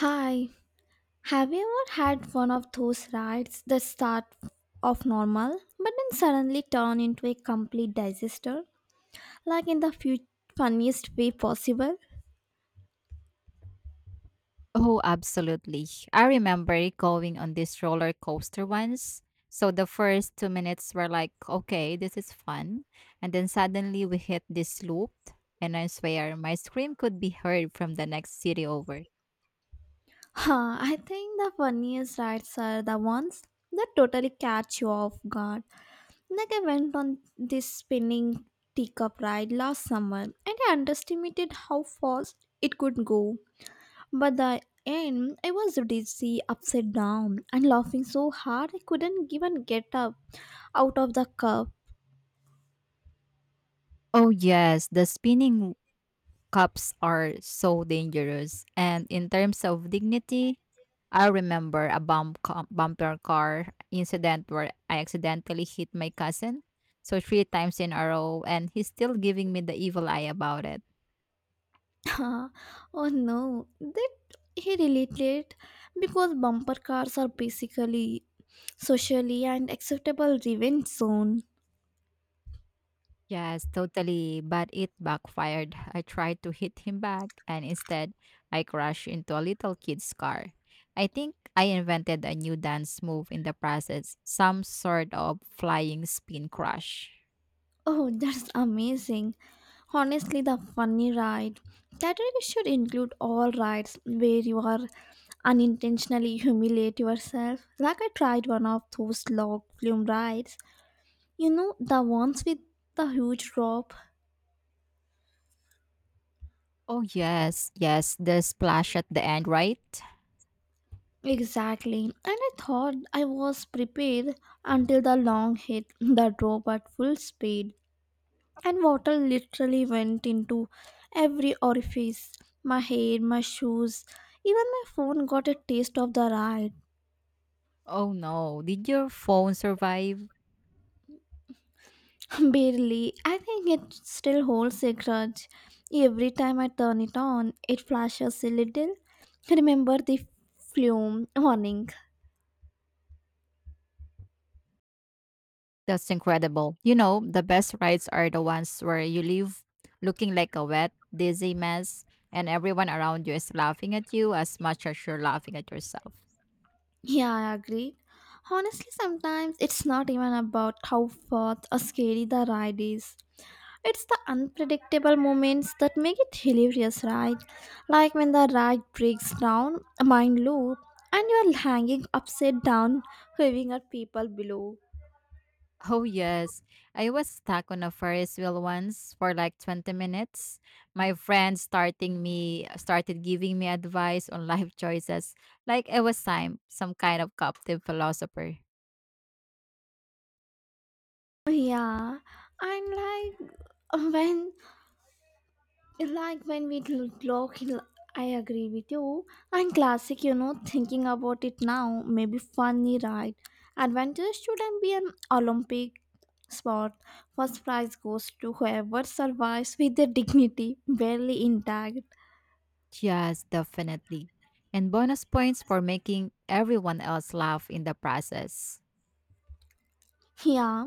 Hi, have you ever had one of those rides that start off normal but then suddenly turn into a complete disaster? Like in the few funniest way possible? Oh, absolutely. I remember going on this roller coaster once. So the first 2 minutes were like, okay, this is fun. And then suddenly we hit this loop, and I swear my scream could be heard from the next city over. Huh, I think the funniest rides are the ones that totally catch you off guard. Like I went on this spinning teacup ride last summer and I underestimated how fast it could go. By the end, I was dizzy, upside down, and laughing so hard I couldn't even get up out of the cup. Oh, yes, the spinning cups are so dangerous. And in terms of dignity, I remember a bumper car incident where I accidentally hit my cousin. So three times in a row, and he's still giving me the evil eye about it. Oh no, that he related because bumper cars are basically socially and acceptable revenge zone. Yes, totally. But it backfired. I tried to hit him back, and instead, I crashed into a little kid's car. I think I invented a new dance move in the process, some sort of flying spin crash. Oh, that's amazing. Honestly, the funny ride category should include all rides where you are unintentionally humiliate yourself. Like I tried one of those log flume rides. You know, the ones with the huge drop. Oh, yes, yes, the splash at the end, right? Exactly. And I thought I was prepared until the long hit the drop at full speed. And water literally went into every orifice, my hair, my shoes. Even my phone got a taste of the ride. Oh no, did your phone survive? Barely. I think it still holds a grudge. Every time I turn it on, it flashes a little. Remember the flume warning. That's incredible. You know, the best rides are the ones where you leave looking like a wet, dizzy mess, and everyone around you is laughing at you as much as you're laughing at yourself. Yeah, I agree. Honestly, sometimes it's not even about how far or scary the ride is. It's the unpredictable moments that make it hilarious, right? Like when the ride breaks down, a mind loop, and you're hanging upside down, waving at people below. Oh, yes. I was stuck on a Ferris wheel once for like 20 minutes. My friend starting me started giving me advice on life choices like I was some kind of captive philosopher. Yeah, and when clock in. I agree with you. And classic, you know, thinking about it now, maybe funny, right? Adventure shouldn't be an Olympic sport. First prize goes to whoever survives with their dignity barely intact. Yes, definitely. And bonus points for making everyone else laugh in the process. Yeah.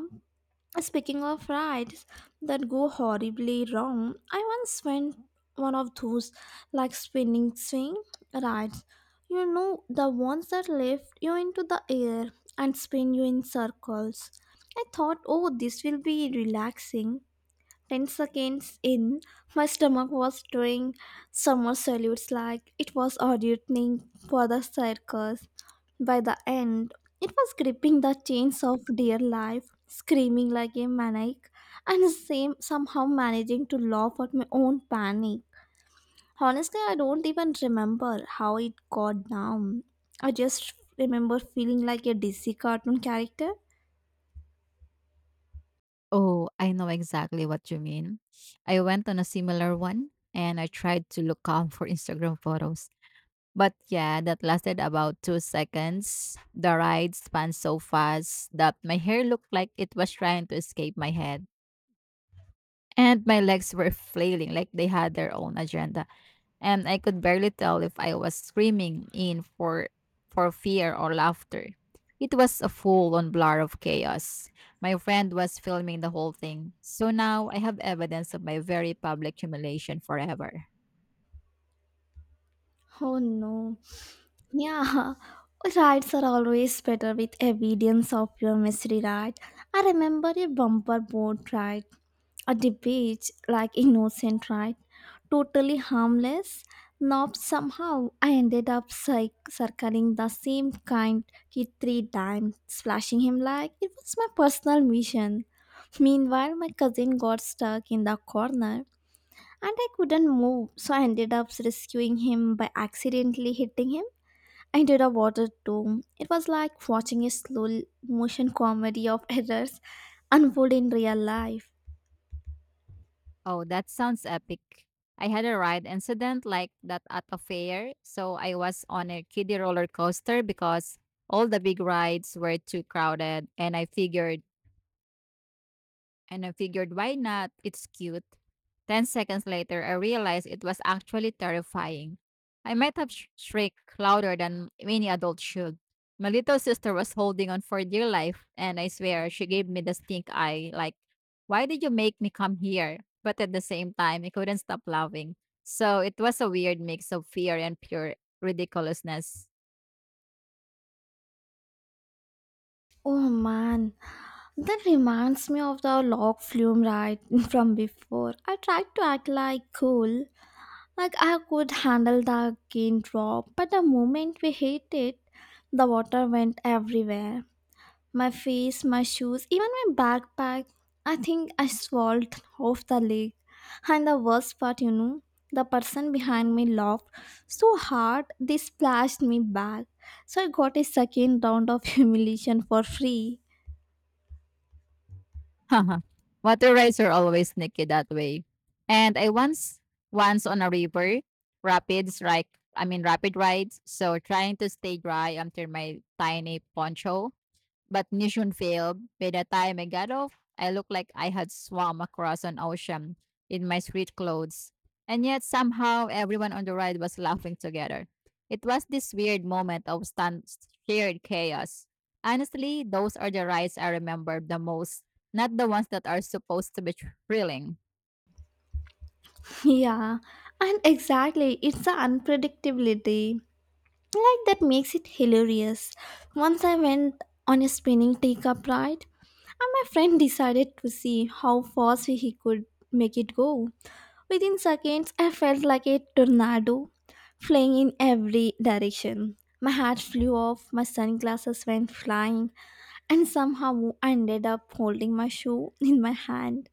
Speaking of rides that go horribly wrong, I once went one of those like spinning swing rides. You know, the ones that lift you into the air and spin you in circles. I thought, oh, this will be relaxing. 10 seconds in, my stomach was doing summer salutes like it was auditioning for the circus. By the end, it was gripping the chains of dear life, screaming like a maniac, and same somehow managing to laugh at my own panic. Honestly, I don't even remember how it got down. I just remember feeling like a DC cartoon character. Oh, I know exactly what you mean. I went on a similar one and I tried to look calm for Instagram photos. But yeah, that lasted about 2 seconds. The ride spun so fast that my hair looked like it was trying to escape my head. And my legs were flailing like they had their own agenda and I could barely tell if I was screaming in for fear or laughter. It was a full-on blur of chaos. My friend was filming the whole thing, so now I have evidence of my very public humiliation forever. Oh no. Yeah, rides are always better with evidence of your mystery, right? I remember a bumper boat ride, a debate like innocent ride, totally harmless. Now somehow I ended up circling the same kind kid three times, splashing him like it was my personal mission. Meanwhile, my cousin got stuck in the corner and I couldn't move, so I ended up rescuing him by accidentally hitting him. I did a water too. It was like watching a slow motion comedy of errors unfold in real life. Oh, that sounds epic. I had a ride incident like that at a fair, so I was on a kiddie roller coaster because all the big rides were too crowded, and I figured, why not? It's cute. 10 seconds later, I realized it was actually terrifying. I might have shrieked louder than any adult should. My little sister was holding on for dear life, and I swear she gave me the stink eye like, why did you make me come here? But at the same time, I couldn't stop laughing. So it was a weird mix of fear and pure ridiculousness. Oh man, that reminds me of the log flume ride from before. I tried to act like cool, like I could handle the gain drop, but the moment we hit it, the water went everywhere. My face, my shoes, even my backpack. I think I swallowed off the leg. And the worst part, you know, the person behind me laughed so hard they splashed me back. So I got a second round of humiliation for free. Water rides are always sneaky that way. And I once on a river, rapids like I mean rapid rides. So trying to stay dry under my tiny poncho. But mission failed. By the time I got off, I looked like I had swum across an ocean in my street clothes. And yet somehow everyone on the ride was laughing together. It was this weird moment of stunned, shared chaos. Honestly, those are the rides I remember the most, not the ones that are supposed to be thrilling. Yeah, and exactly, it's the unpredictability. Like that makes it hilarious. Once I went on a spinning teacup ride, and my friend decided to see how fast he could make it go. Within seconds, I felt like a tornado flying in every direction. My hat flew off, my sunglasses went flying, and somehow I ended up holding my shoe in my hand.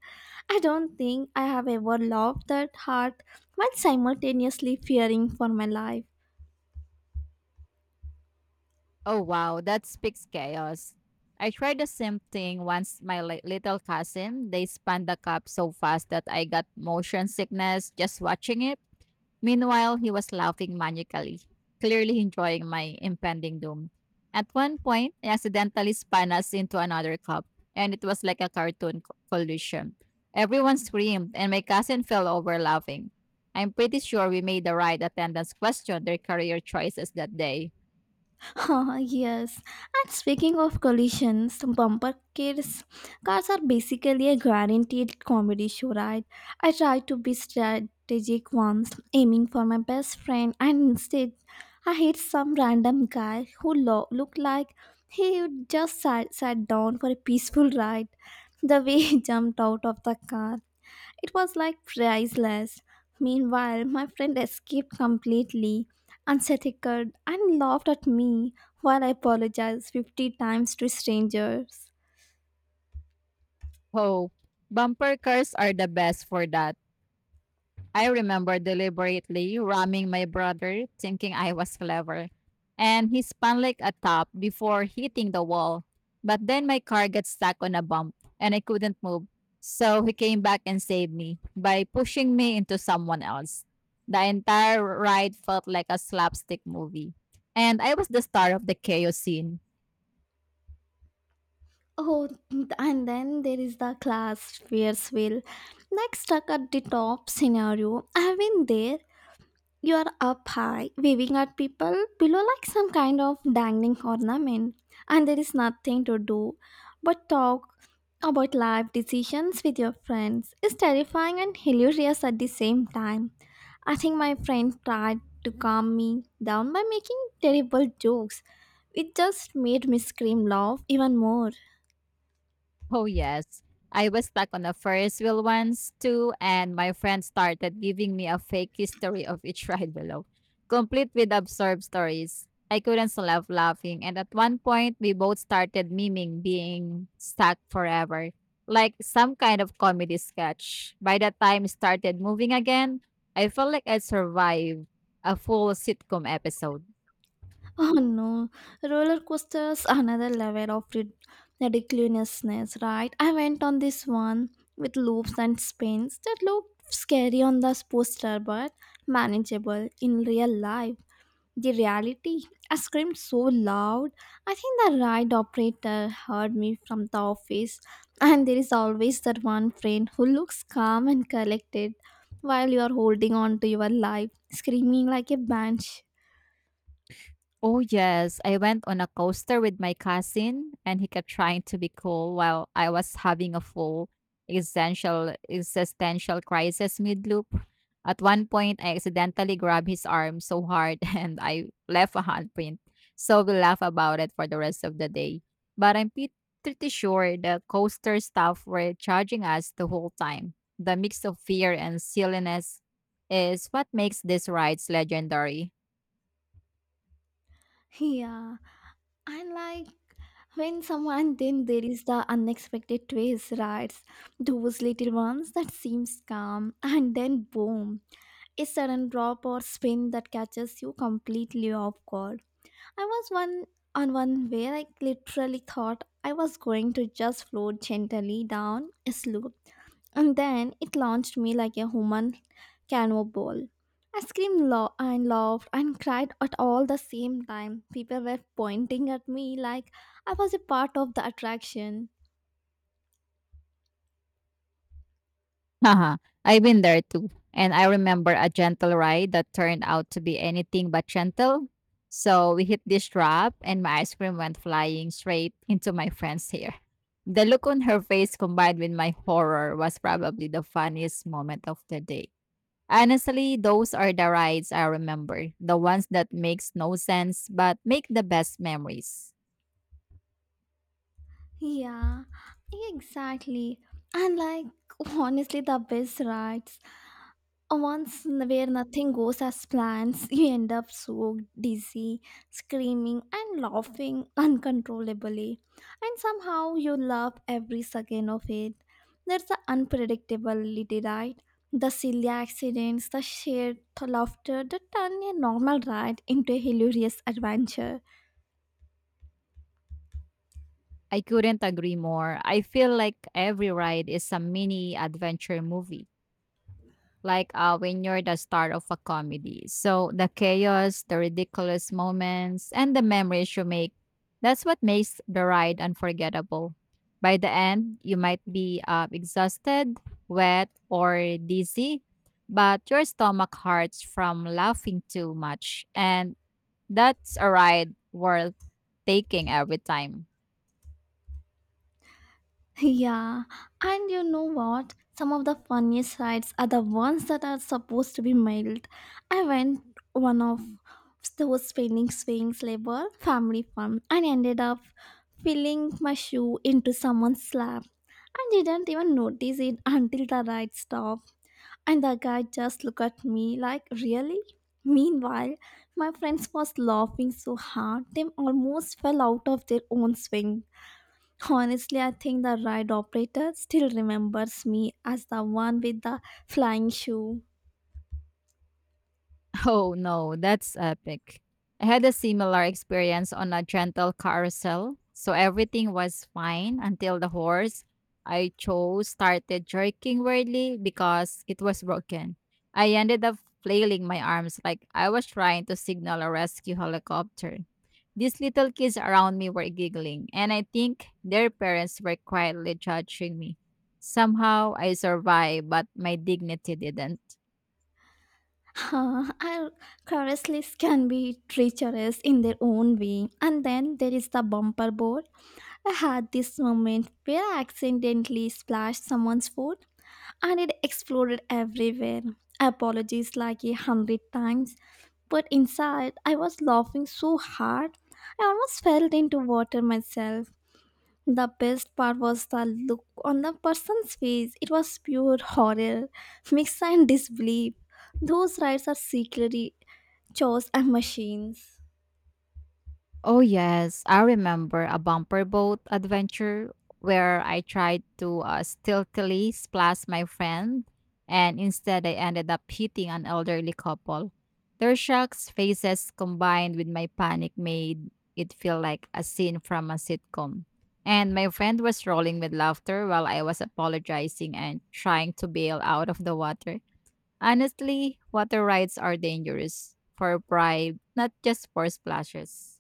I don't think I have ever laughed that hard while simultaneously fearing for my life. Oh wow, that speaks chaos. I tried the same thing once my little cousin, they spun the cup so fast that I got motion sickness just watching it. Meanwhile, he was laughing manically, clearly enjoying my impending doom. At one point, he accidentally spun us into another cup, and it was like a collision. Everyone screamed, and my cousin fell over laughing. I'm pretty sure we made the right attendance question their career choices that day. Yes. And speaking of collisions, bumper cars are basically a guaranteed comedy show, right? I tried to be strategic once, aiming for my best friend, and instead, I hit some random guy who looked like he just sat down for a peaceful ride. The way he jumped out of the car, it was like priceless. Meanwhile, my friend escaped completely, unsettled, and laughed at me while I apologized 50 times to strangers. Oh, bumper cars are the best for that. I remember deliberately ramming my brother, thinking I was clever. And he spun like a top before hitting the wall. But then my car got stuck on a bump and I couldn't move. So he came back and saved me by pushing me into someone else. The entire ride felt like a slapstick movie. And I was the star of the chaos scene. Oh, and then there is the class, Fierceville. Like stuck at the top scenario. I have been there. You are up high, waving at people below like some kind of dangling ornament, and there is nothing to do but talk about life decisions with your friends. It's terrifying and hilarious at the same time. I think my friend tried to calm me down by making terrible jokes. It just made me scream laugh even more. Oh, yes. I was stuck on a Ferris wheel once too, and my friend started giving me a fake history of each ride below, complete with absurd stories. I couldn't stop laughing, and at one point, we both started miming being stuck forever, like some kind of comedy sketch. By the time it started moving again, I felt like I survived a full sitcom episode. Oh no, roller coasters are another level of ridiculousness, right? I went on this one with loops and spins that looked scary on the poster but manageable in real life. The reality, I screamed so loud. I think the ride operator heard me from the office, and there is always that one friend who looks calm and collected while you are holding on to your life, screaming like a banshee. Oh, yes. I went on a coaster with my cousin, and he kept trying to be cool while I was having a full existential crisis mid-loop. At one point, I accidentally grabbed his arm so hard, and I left a handprint. So we laugh about it for the rest of the day. But I'm pretty sure the coaster staff were charging us the whole time. The mix of fear and silliness is what makes these rides legendary. Yeah. And like when someone then There is the unexpected twist, right? Those little ones that seems calm and then boom, a sudden drop or spin that catches you completely off guard. I was one On one where I literally thought I was going to just float gently down a slope. And then it launched me like a human cannonball. I screamed and laughed and cried at all the same time. People were pointing at me like I was a part of the attraction. Haha, I've been there too. And I remember a gentle ride that turned out to be anything but gentle. So we hit this drop and my ice cream went flying straight into my friend's hair. The look on her face combined with my horror was probably the funniest moment of the day. Honestly, those are the rides I remember, the ones that makes no sense but make the best memories. Yeah, exactly. And like honestly, the best rides where nothing goes as plans, you end up so dizzy, screaming and laughing uncontrollably. And somehow you love every second of it. There's the unpredictability, right? The silly accidents, the shared laughter that turn a normal ride into a hilarious adventure. I couldn't agree more. I feel like every ride is a mini adventure movie. Like when you're the star of a comedy. So the chaos, the ridiculous moments, and the memories you make, that's what makes the ride unforgettable. By the end, you might be exhausted, wet, or dizzy, but your stomach hurts from laughing too much. And that's a ride worth taking every time. Yeah, and you know what? Some of the funniest rides are the ones that are supposed to be mild. I went one of those spinning swings labor family fun and ended up filling my shoe into someone's lap. I didn't even notice it until the ride stopped and the guy just looked at me like, really? Meanwhile, my friends was laughing so hard they almost fell out of their own swing. Honestly, I think the ride operator still remembers me as the one with the flying shoe. Oh no, that's epic. I had a similar experience on a gentle carousel. So everything was fine until the horse I chose started jerking weirdly because it was broken. I ended up flailing my arms like I was trying to signal a rescue helicopter. These little kids around me were giggling, and I think their parents were quietly judging me. Somehow I survived, but my dignity didn't. Our carousels can be treacherous in their own way. And then there is the bumper board. I had this moment where I accidentally splashed someone's foot and it exploded everywhere. Apologies like 100 times, but inside I was laughing so hard I almost fell into water myself. The best part was the look on the person's face. It was pure horror, mixed and disbelief. Those rides are secretly chores and machines. Oh yes, I remember a bumper boat adventure where I tried to stealthily splash my friend, and instead I ended up hitting an elderly couple. Their shocked faces combined with my panic made it feel like a scene from a sitcom. And my friend was rolling with laughter while I was apologizing and trying to bail out of the water. Honestly, water rides are dangerous for pride, not just for splashes.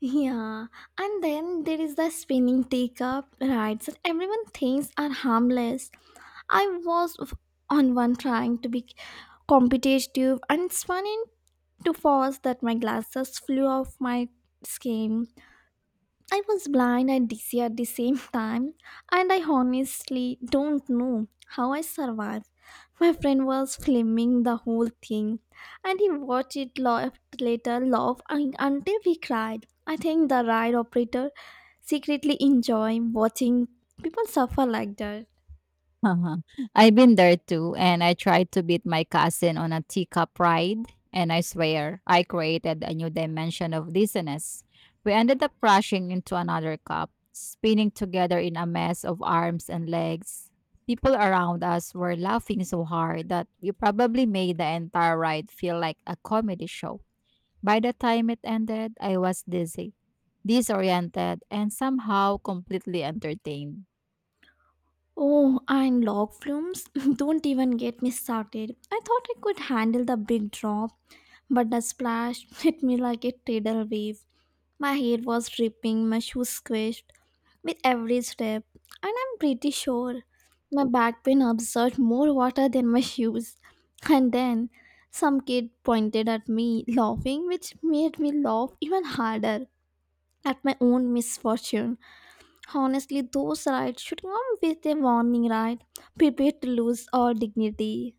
Yeah, and then there is the spinning take-up rides that everyone thinks are harmless. I was f- on one trying to be competitive and spun into falls that my glasses flew off my skin. I was blind and dizzy at the same time, and I honestly don't know how I survived. My friend was filming the whole thing, and he watched it laugh until we cried. I think the ride operator secretly enjoy watching people suffer like that. Uh-huh. I've been there too, and I tried to beat my cousin on a teacup ride, and I swear I created a new dimension of dizziness. We ended up crashing into another cup, spinning together in a mess of arms and legs. People around us were laughing so hard that we probably made the entire ride feel like a comedy show. By the time it ended, I was dizzy, disoriented, and somehow completely entertained. Oh, and log flumes! Don't even get me started. I thought I could handle the big drop, but the splash hit me like a tidal wave. My hair was dripping, my shoes squished with every step, and I'm pretty sure my back pain absorbed more water than my shoes. And then some kid pointed at me, laughing, which made me laugh even harder at my own misfortune. Honestly, those rides should come with a warning, right? Prepare to lose all dignity.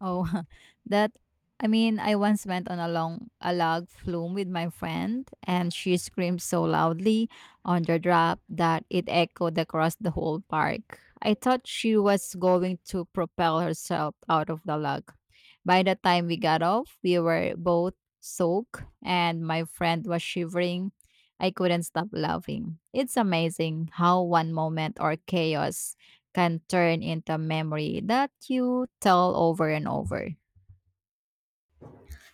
Oh, that I once went on a long a log flume with my friend, and she screamed so loudly on the drop that it echoed across the whole park. I thought she was going to propel herself out of the log. By the time we got off, we were both soaked, and my friend was shivering. I couldn't stop laughing. It's amazing how one moment or chaos can turn into a memory that you tell over and over.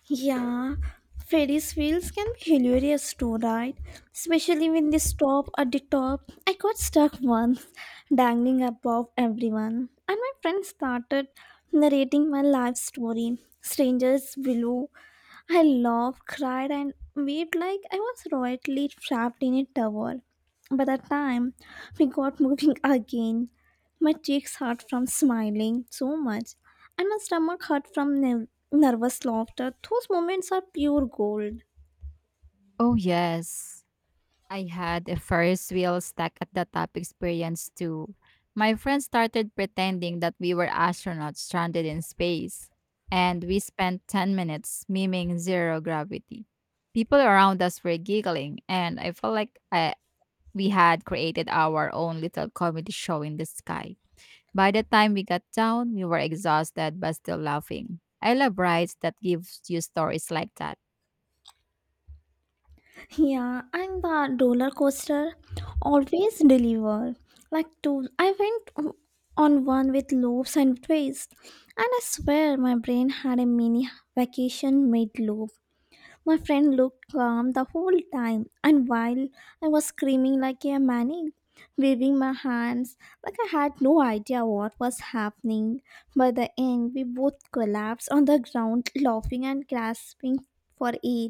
Yeah, Freddy's wheels can be hilarious too, right? Especially when they stop at the top. I got stuck once, dangling above everyone, and my friend started narrating my life story. Strangers below. I laughed, cried, and waved like I was royally trapped in a tower. By the time we got moving again, my cheeks hurt from smiling so much, and my stomach hurt from nervous laughter. Those moments are pure gold. Oh, yes. I had a Ferris wheel stuck at the top experience too. My friends started pretending that we were astronauts stranded in space, and we spent 10 minutes miming zero gravity. People around us were giggling, and I felt like we had created our own little comedy show in the sky. By the time we got down, we were exhausted but still laughing. I love rides that gives you stories like that. Yeah, and the roller coaster always deliver. Like two, I went on one with loops and twists, and I swear my brain had a mini vacation mid loop. My friend looked calm the whole time, and while I was screaming like a maniac, waving my hands like I had no idea what was happening, by the end we both collapsed on the ground, laughing and gasping for air.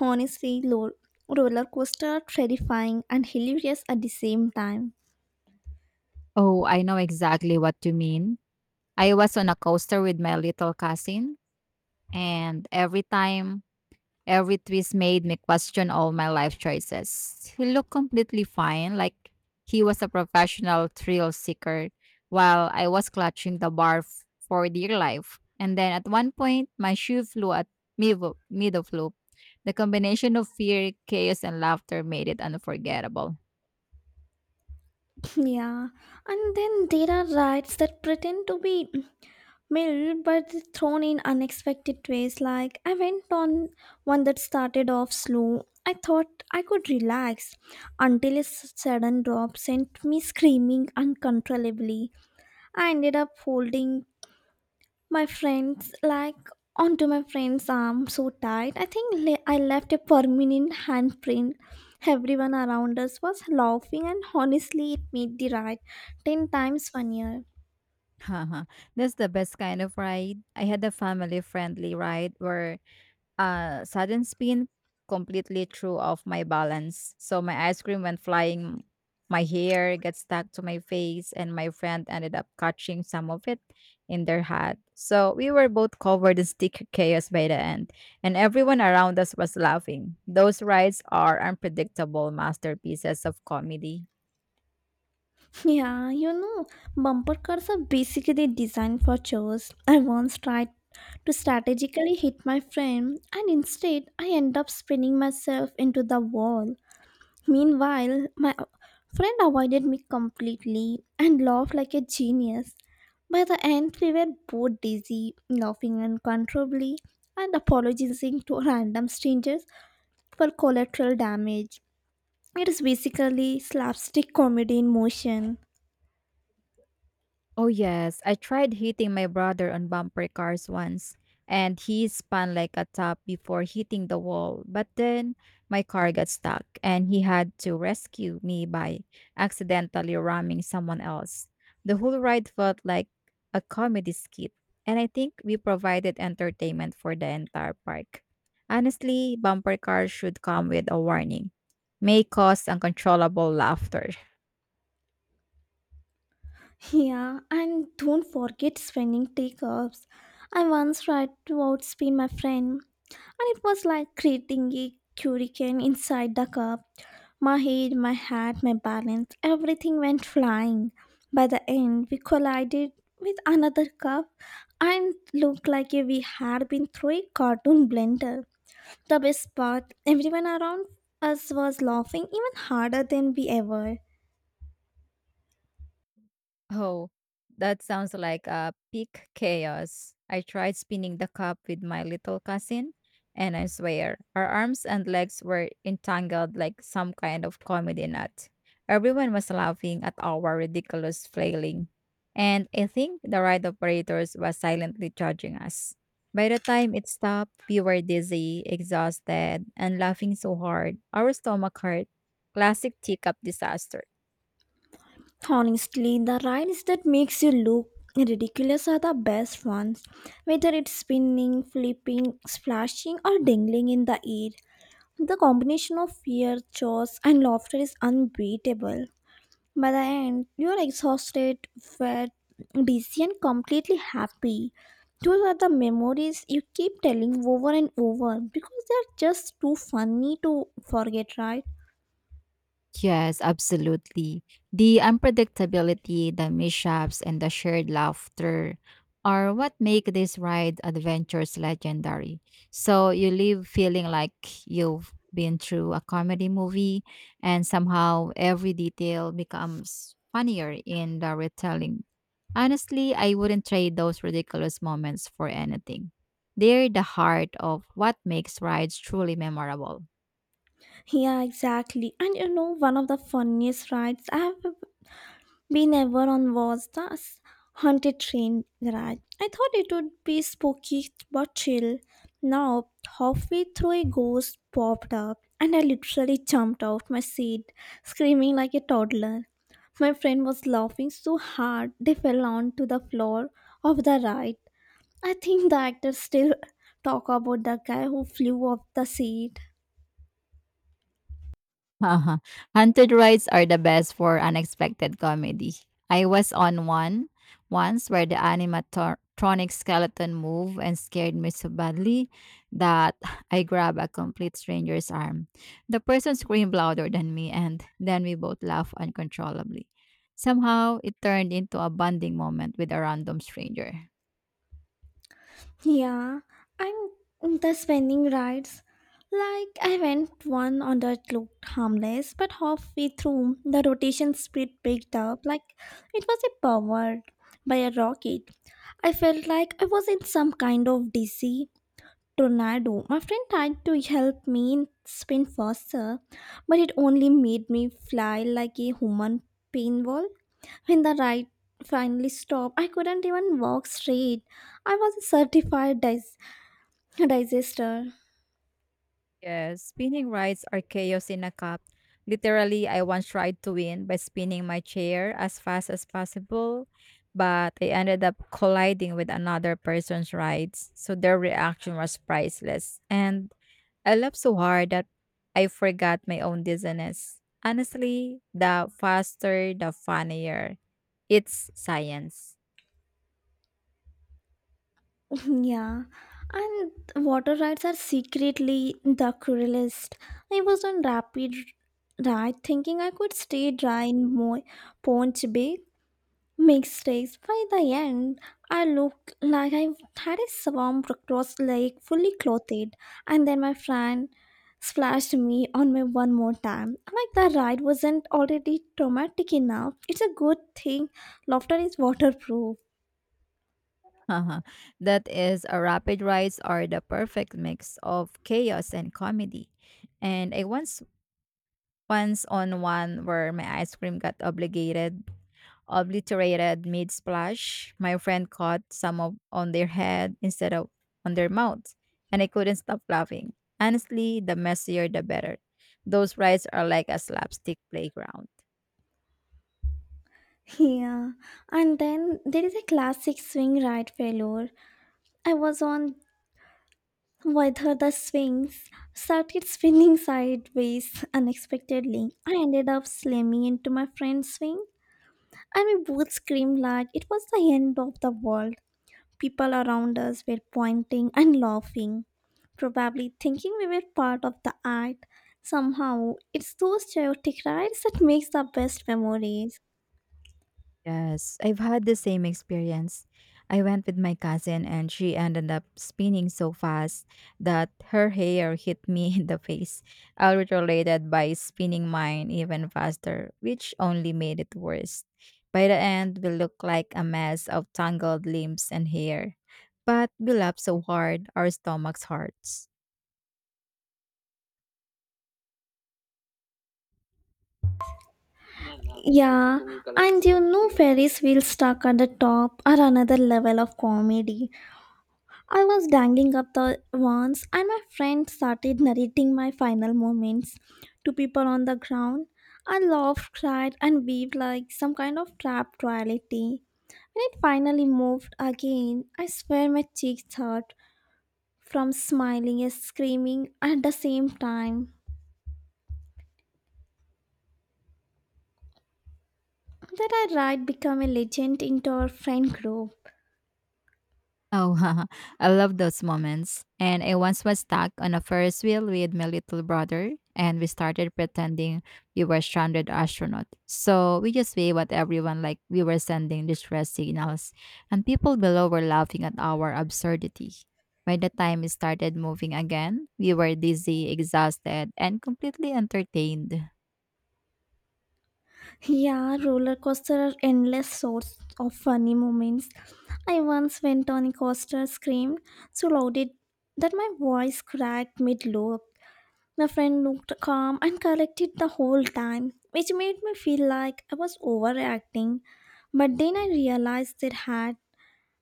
Honestly, roller coaster terrifying and hilarious at the same time. Oh, I know exactly what you mean. I was on a coaster with my little cousin, and every twist made me question all my life choices. He looked completely fine, like he was a professional thrill seeker, while I was clutching the bar for dear life. And then at one point, my shoe flew at me mid of loop. The combination of fear, chaos, and laughter made it unforgettable. Yeah, and then there are rides that pretend to be mild, but thrown in unexpected ways. Like I went on one that started off slow. I thought I could relax until a sudden drop sent me screaming uncontrollably. I ended up holding my friends like onto my friend's arm so tight I think I left a permanent handprint. Everyone around us was laughing, and honestly it made the ride 10 times funnier. Haha, that's the best kind of ride. I had a family friendly ride where a sudden spin completely threw off my balance. So my ice cream went flying. My hair got stuck to my face, and my friend ended up catching some of it in their hat. So we were both covered in sticker chaos by the end, and everyone around us was laughing. Those rides are unpredictable masterpieces of comedy. Yeah, bumper cars are basically designed for chores. I once tried to strategically hit my friend, and instead, I end up spinning myself into the wall. Meanwhile, my friend avoided me completely and laughed like a genius. By the end, we were both dizzy, laughing uncontrollably, and apologizing to random strangers for collateral damage. It is basically slapstick comedy in motion. Oh yes, I tried hitting my brother on bumper cars once and he spun like a top before hitting the wall. But then my car got stuck and he had to rescue me by accidentally ramming someone else. The whole ride felt like a comedy skit and I think we provided entertainment for the entire park. Honestly, bumper cars should come with a warning. May cause uncontrollable laughter. Yeah, and don't forget spinning teacups. I once tried to outspin my friend, and it was like creating a hurricane inside the cup. My head, my hat, my balance, everything went flying. By the end, we collided with another cup and looked like we had been through a cartoon blender. The best part, everyone around us was laughing even harder than we ever. Oh, that sounds like a peak chaos. I tried spinning the cup with my little cousin, and I swear, our arms and legs were entangled like some kind of comedy nut. Everyone was laughing at our ridiculous flailing, and I think the ride operators were silently judging us. By the time it stopped, we were dizzy, exhausted, and laughing so hard, our stomach hurt. Classic teacup disaster. Honestly, the rides that makes you look ridiculous are the best ones. Whether it's spinning, flipping, splashing, or dangling in the air, the combination of fear, chores, and laughter is unbeatable. By the end, you are exhausted, fed, busy, and completely happy. Those are the memories you keep telling over and over because they're just too funny to forget, right? Yes, absolutely. The unpredictability, the mishaps, and the shared laughter are what make these ride adventures legendary. So you leave feeling like you've been through a comedy movie, and somehow every detail becomes funnier in the retelling. Honestly, I wouldn't trade those ridiculous moments for anything. They're the heart of what makes rides truly memorable. Yeah, exactly. One of the funniest rides I have we never on was the haunted train garage. I thought it would be spooky but chill. Now, halfway through, a ghost popped up, and I literally jumped out my seat, screaming like a toddler. My friend was laughing so hard they fell onto the floor of the ride. I think the actors still talk about the guy who flew off the seat. Uh-huh. Haunted rides are the best for unexpected comedy. I was on one once where the animatronic skeleton moved and scared me so badly that I grabbed a complete stranger's arm. The person screamed louder than me, and then we both laughed uncontrollably. Somehow, it turned into a bonding moment with a random stranger. Yeah, and the spending rides. Like I went one on that looked harmless, but halfway through the rotation speed picked up like it was a powered by a rocket. I felt like I was in some kind of DC tornado. My friend tried to help me spin faster, but it only made me fly like a human pinball. When the ride finally stopped, I couldn't even walk straight. I was a certified digester. Yes, spinning rides are chaos in a cup. Literally, I once tried to win by spinning my chair as fast as possible, but I ended up colliding with another person's rides, so their reaction was priceless. And I laughed so hard that I forgot my own dizziness. Honestly, the faster, the funnier. It's science. Yeah, and water rides are secretly the cruelest. I was on rapid ride thinking I could stay dry in ponch bay mistakes. By the end I looked like I had a swamp across lake fully clothed, and then my friend splashed me one more time, like the ride wasn't already traumatic enough. It's a good thing laughter is waterproof. That is, a rapid rides are the perfect mix of chaos and comedy. And I once on one where my ice cream got obligated obliterated mid splash. My friend caught some of, on their head instead of on their mouth, and I couldn't stop laughing. Honestly, the messier the better. Those rides are like a slapstick playground. Yeah, and then there is a classic swing ride failure. I was on whether the swings started spinning sideways unexpectedly. I ended up slamming into my friend's swing, and we both screamed like it was the end of the world. People around us were pointing and laughing, probably thinking we were part of the act. Somehow, it's those chaotic rides that makes the best memories. Yes, I've had the same experience. I went with my cousin and she ended up spinning so fast that her hair hit me in the face. I retaliated by spinning mine even faster, which only made it worse. By the end, we looked like a mess of tangled limbs and hair. But we laughed so hard, our stomachs hurt. Yeah, Ferris wheel stuck at the top are another level of comedy. I was dangling up the once, and my friend started narrating my final moments to people on the ground. I laughed, cried, and weaved like some kind of trapped royalty. When it finally moved again, I swear my cheeks hurt from smiling and screaming at the same time. That I ride become a legend into our friend group. Oh, I love those moments. And I once was stuck on a Ferris wheel with my little brother, and we started pretending we were stranded astronaut. So we just waved at everyone like we were sending distress signals, and people below were laughing at our absurdity. By the time we started moving again, we were dizzy, exhausted, and completely entertained. Yeah, roller coaster are endless source of funny moments. I once went on a coaster, screamed so loud it that my voice cracked mid loop. My friend looked calm and collected the whole time, which made me feel like I was overreacting. But then I realized their hat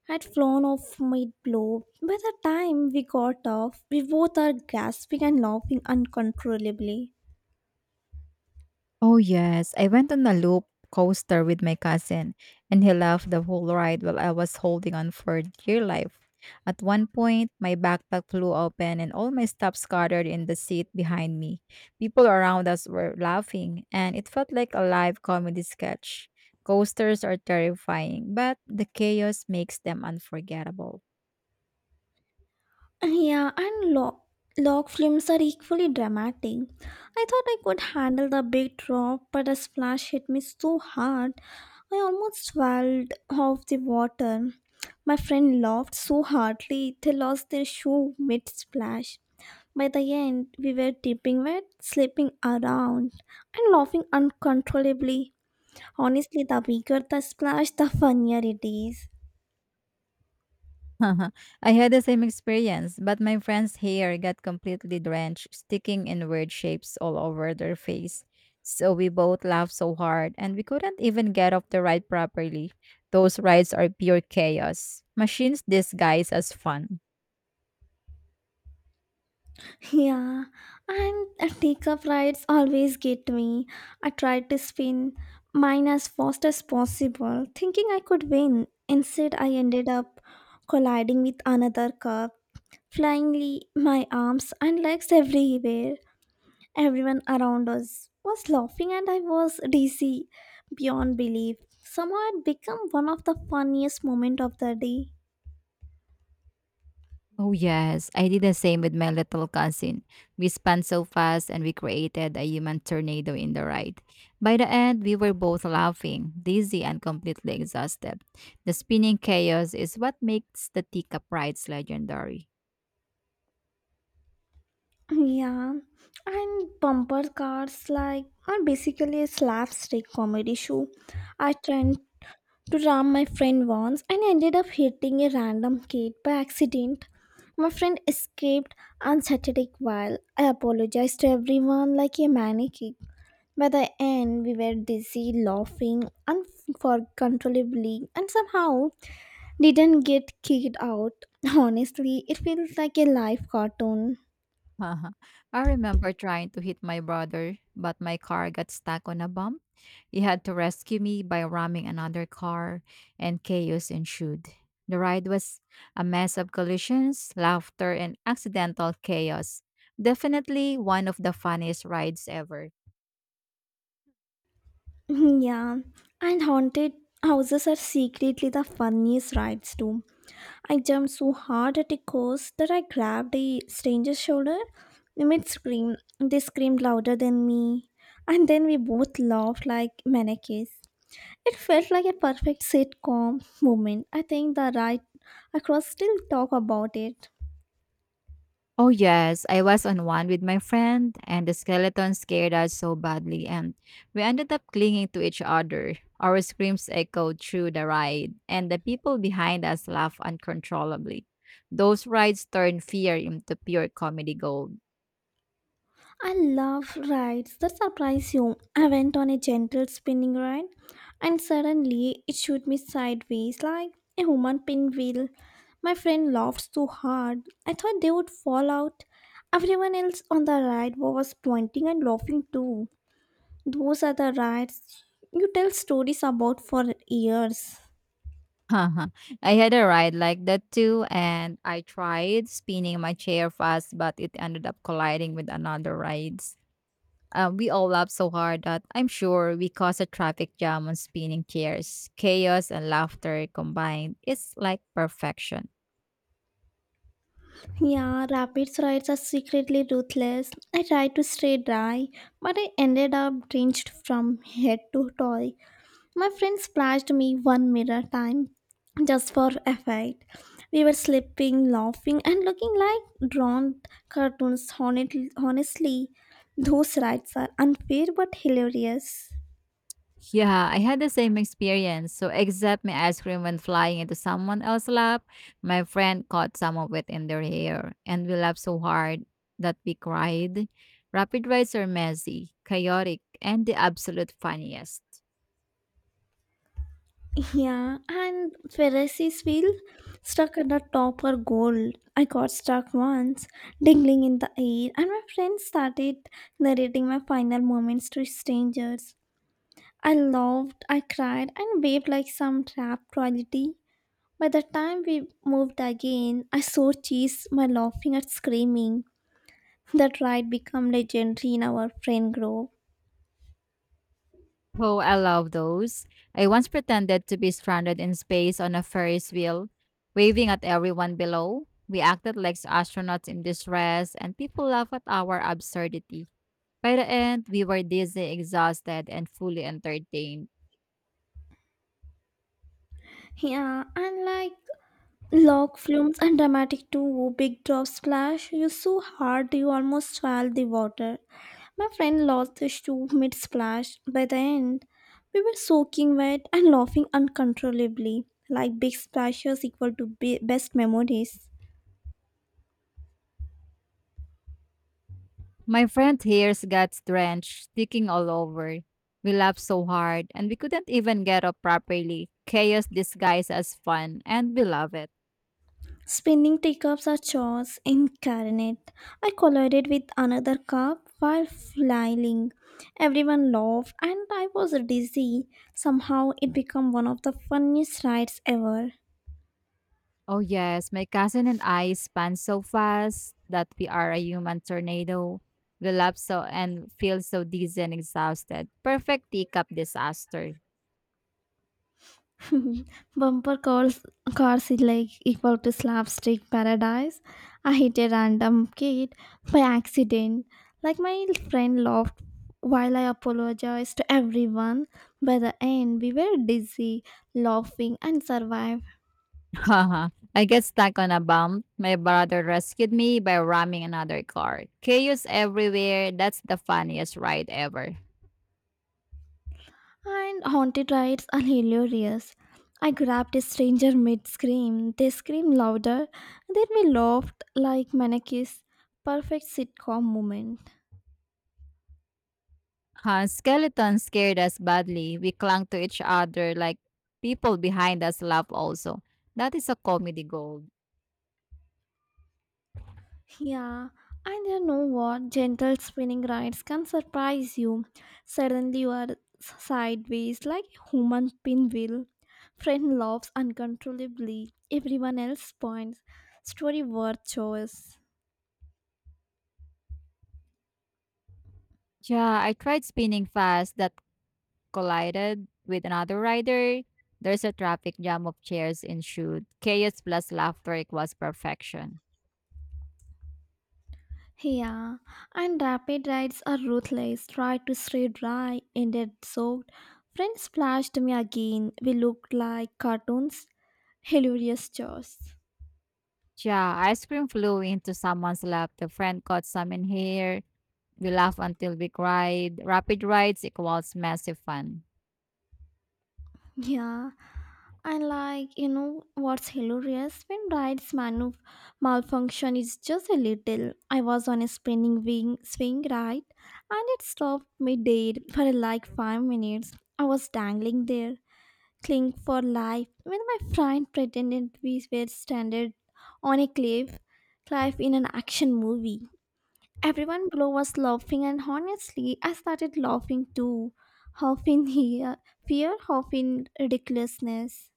had flown off mid blow. By the time we got off, we both are gasping and laughing uncontrollably. Oh, yes. I went on a loop coaster with my cousin, and he laughed the whole ride while I was holding on for dear life. At one point, my backpack flew open and all my stuff scattered in the seat behind me. People around us were laughing, and it felt like a live comedy sketch. Coasters are terrifying, but the chaos makes them unforgettable. Yeah, and log films are equally dramatic. I thought I could handle the big drop, but the splash hit me so hard, I almost swelled off the water. My friend laughed so hardly, they lost their shoe mid splash. By the end, we were dripping wet, slipping around, and laughing uncontrollably. Honestly, the bigger the splash, the funnier it is. I had the same experience, but my friend's hair got completely drenched, sticking in weird shapes all over their face. So we both laughed so hard, and we couldn't even get off the ride properly. Those rides are pure chaos. Machines disguised as fun. Yeah, and teacup rides always get me. I tried to spin mine as fast as possible, thinking I could win. Instead, I ended up colliding with another cup, flying my arms and legs everywhere. Everyone around us was laughing, and I was dizzy beyond belief. Somehow, it became one of the funniest moments of the day. Oh, yes. I did the same with my little cousin. We spun so fast and we created a human tornado in the ride. By the end, we were both laughing, dizzy, and completely exhausted. The spinning chaos is what makes the teacup rides legendary. Yeah, and bumper cars like are basically a slapstick comedy show. I tried to ram my friend once and ended up hitting a random kid by accident. My friend escaped unsettled while I apologized to everyone like a maniac. By the end, we were dizzy, laughing uncontrollably, and somehow didn't get kicked out. Honestly, it feels like a live cartoon. uh I remember trying to hit my brother, but my car got stuck on a bump. He had to rescue me by ramming another car, and chaos ensued. The ride was a mess of collisions, laughter, and accidental chaos. Definitely one of the funniest rides ever. Yeah, and haunted houses are secretly the funniest rides too. I jumped so hard at a ghost that I grabbed a stranger's shoulder mid scream. They screamed louder than me, and then we both laughed like mannequins. It felt like a perfect sitcom moment. I think the ride across still talk about it. Oh, yes. I was on one with my friend, and the skeleton scared us so badly, and we ended up clinging to each other. Our screams echoed through the ride, and the people behind us laughed uncontrollably. Those rides turned fear into pure comedy gold. I love rides that surprise you. I went on a gentle spinning ride and suddenly it shoot me sideways like a human pinwheel. My friend laughed so hard, I thought they would fall out. Everyone else on the ride was pointing and laughing too. Those are the rides you tell stories about for years. I had a ride like that too, and I tried spinning my chair fast, but it ended up colliding with another rides. We all laughed so hard that I'm sure we caused a traffic jam on spinning chairs. Chaos and laughter combined. It's like perfection. Yeah, rapids rides are secretly ruthless. I tried to stay dry, but I ended up drenched from head to toe. My friend splashed me one mirror time just for effect. We were sleeping, laughing, and looking like drawn cartoons. Honestly, those rights are unfair but hilarious. Yeah, I had the same experience. So, except my ice cream went flying into someone else's lap, my friend caught some of it in their hair, and we laughed so hard that we cried. Rapid rides are messy, chaotic, and the absolute funniest. Yeah, and Pharisees feel stuck at the top are gold. I got stuck once, dangling in the air, and my friend started narrating my final moments to strangers. I laughed, I cried, and waved like some trapped royalty. By the time we moved again, I saw cheese, my laughing and screaming. That ride became legendary in our friend group. Oh, I love those. I once pretended to be stranded in space on a Ferris wheel, waving at everyone below. We acted like astronauts in distress, and people laughed at our absurdity. By the end, we were dizzy, exhausted, and fully entertained. Yeah, and like log flumes and dramatic too, big drop splash. You so hard you almost fell the water. My friend lost his shoe mid splash. By the end, we were soaking wet and laughing uncontrollably. Like big splashes equal to best memories. My friend's hairs got drenched, sticking all over. We laughed so hard, and we couldn't even get up properly. Chaos disguised as fun, and we love it. Spinning teacups are chores incarnate. I collided with another cup while flying. Everyone laughed and I was dizzy. Somehow it became one of the funniest rides ever. Oh, yes. My cousin and I span so fast that we are a human tornado. We laugh so and feel so dizzy and exhausted. Perfect teacup disaster. Bumper cars is like equal to slapstick paradise. I hit a random kid by accident. Like my friend laughed while I apologized to everyone. By the end, we were dizzy, laughing, and survived. I get stuck on a bump. My brother rescued me by ramming another car. Chaos everywhere. That's the funniest ride ever. And haunted rides are hilarious. I grabbed a stranger mid scream. They screamed louder. Then we laughed like mannequins. Perfect sitcom moment. Huh, skeletons scared us badly. We clung to each other like people behind us laugh also. That is a comedy gold. Yeah, and you know what? Gentle spinning rides can surprise you. Suddenly you are sideways like a human pinwheel. Friend laughs uncontrollably. Everyone else points. Story worth choice. Yeah, I tried spinning fast. That collided with another rider. There's a traffic jam of chairs ensued. Chaos plus laughter equals perfection. Yeah, and rapid rides are ruthless. Tried to stay dry, ended soaked. Friend splashed me again. We looked like cartoons. Hilarious chores. Yeah, ice cream flew into someone's lap. The friend caught some in here. We laugh until we cried. Rapid rides equals massive fun. Yeah, and what's hilarious when rides malfunction is just a little. I was on a spinning wing swing ride, and it stopped midair for like 5 minutes. I was dangling there cling for life. When my friend pretended we were stranded on a cliff in an action movie, everyone below was laughing, and honestly, I started laughing too. Half in here, fear, half in ridiculousness.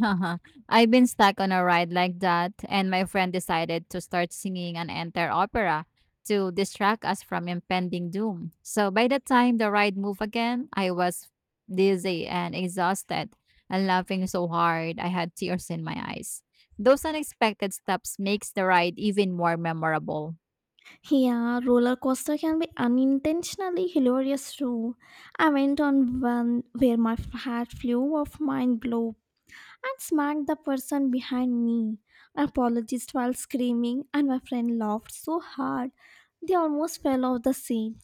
Uh-huh. I've been stuck on a ride like that, and my friend decided to start singing an entire opera to distract us from impending doom. So by the time the ride moved again, I was dizzy and exhausted and laughing so hard I had tears in my eyes. Those unexpected steps makes the ride even more memorable. Yeah, roller coaster can be unintentionally hilarious too. I went on one where my hat flew off, mind blow and smacked the person behind me. I apologized while screaming, and my friend laughed so hard they almost fell off the seat.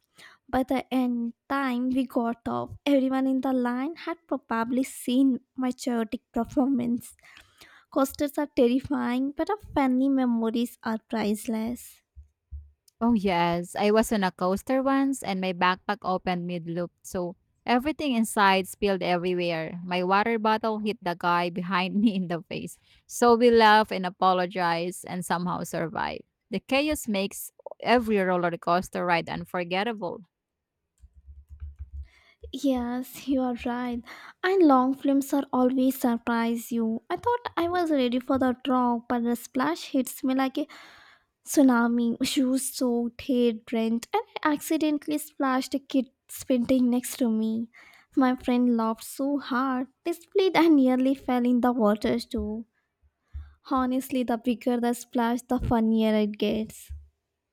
By the end time we got off, everyone in the line had probably seen my chaotic performance. Coasters are terrifying, but our funny memories are priceless. Oh, yes. I was on a coaster once and my backpack opened mid-loop, so everything inside spilled everywhere. My water bottle hit the guy behind me in the face. So we laughed and apologized and somehow survived. The chaos makes every roller coaster ride unforgettable. Yes, you are right. And long films are always surprise you. I thought I was ready for the drop, but the splash hits me like a tsunami, shoes soaked, hair drenched, and I accidentally splashed a kid spitting next to me. My friend laughed so hard, they split and nearly fell in the water too. Honestly, the bigger the splash, the funnier it gets.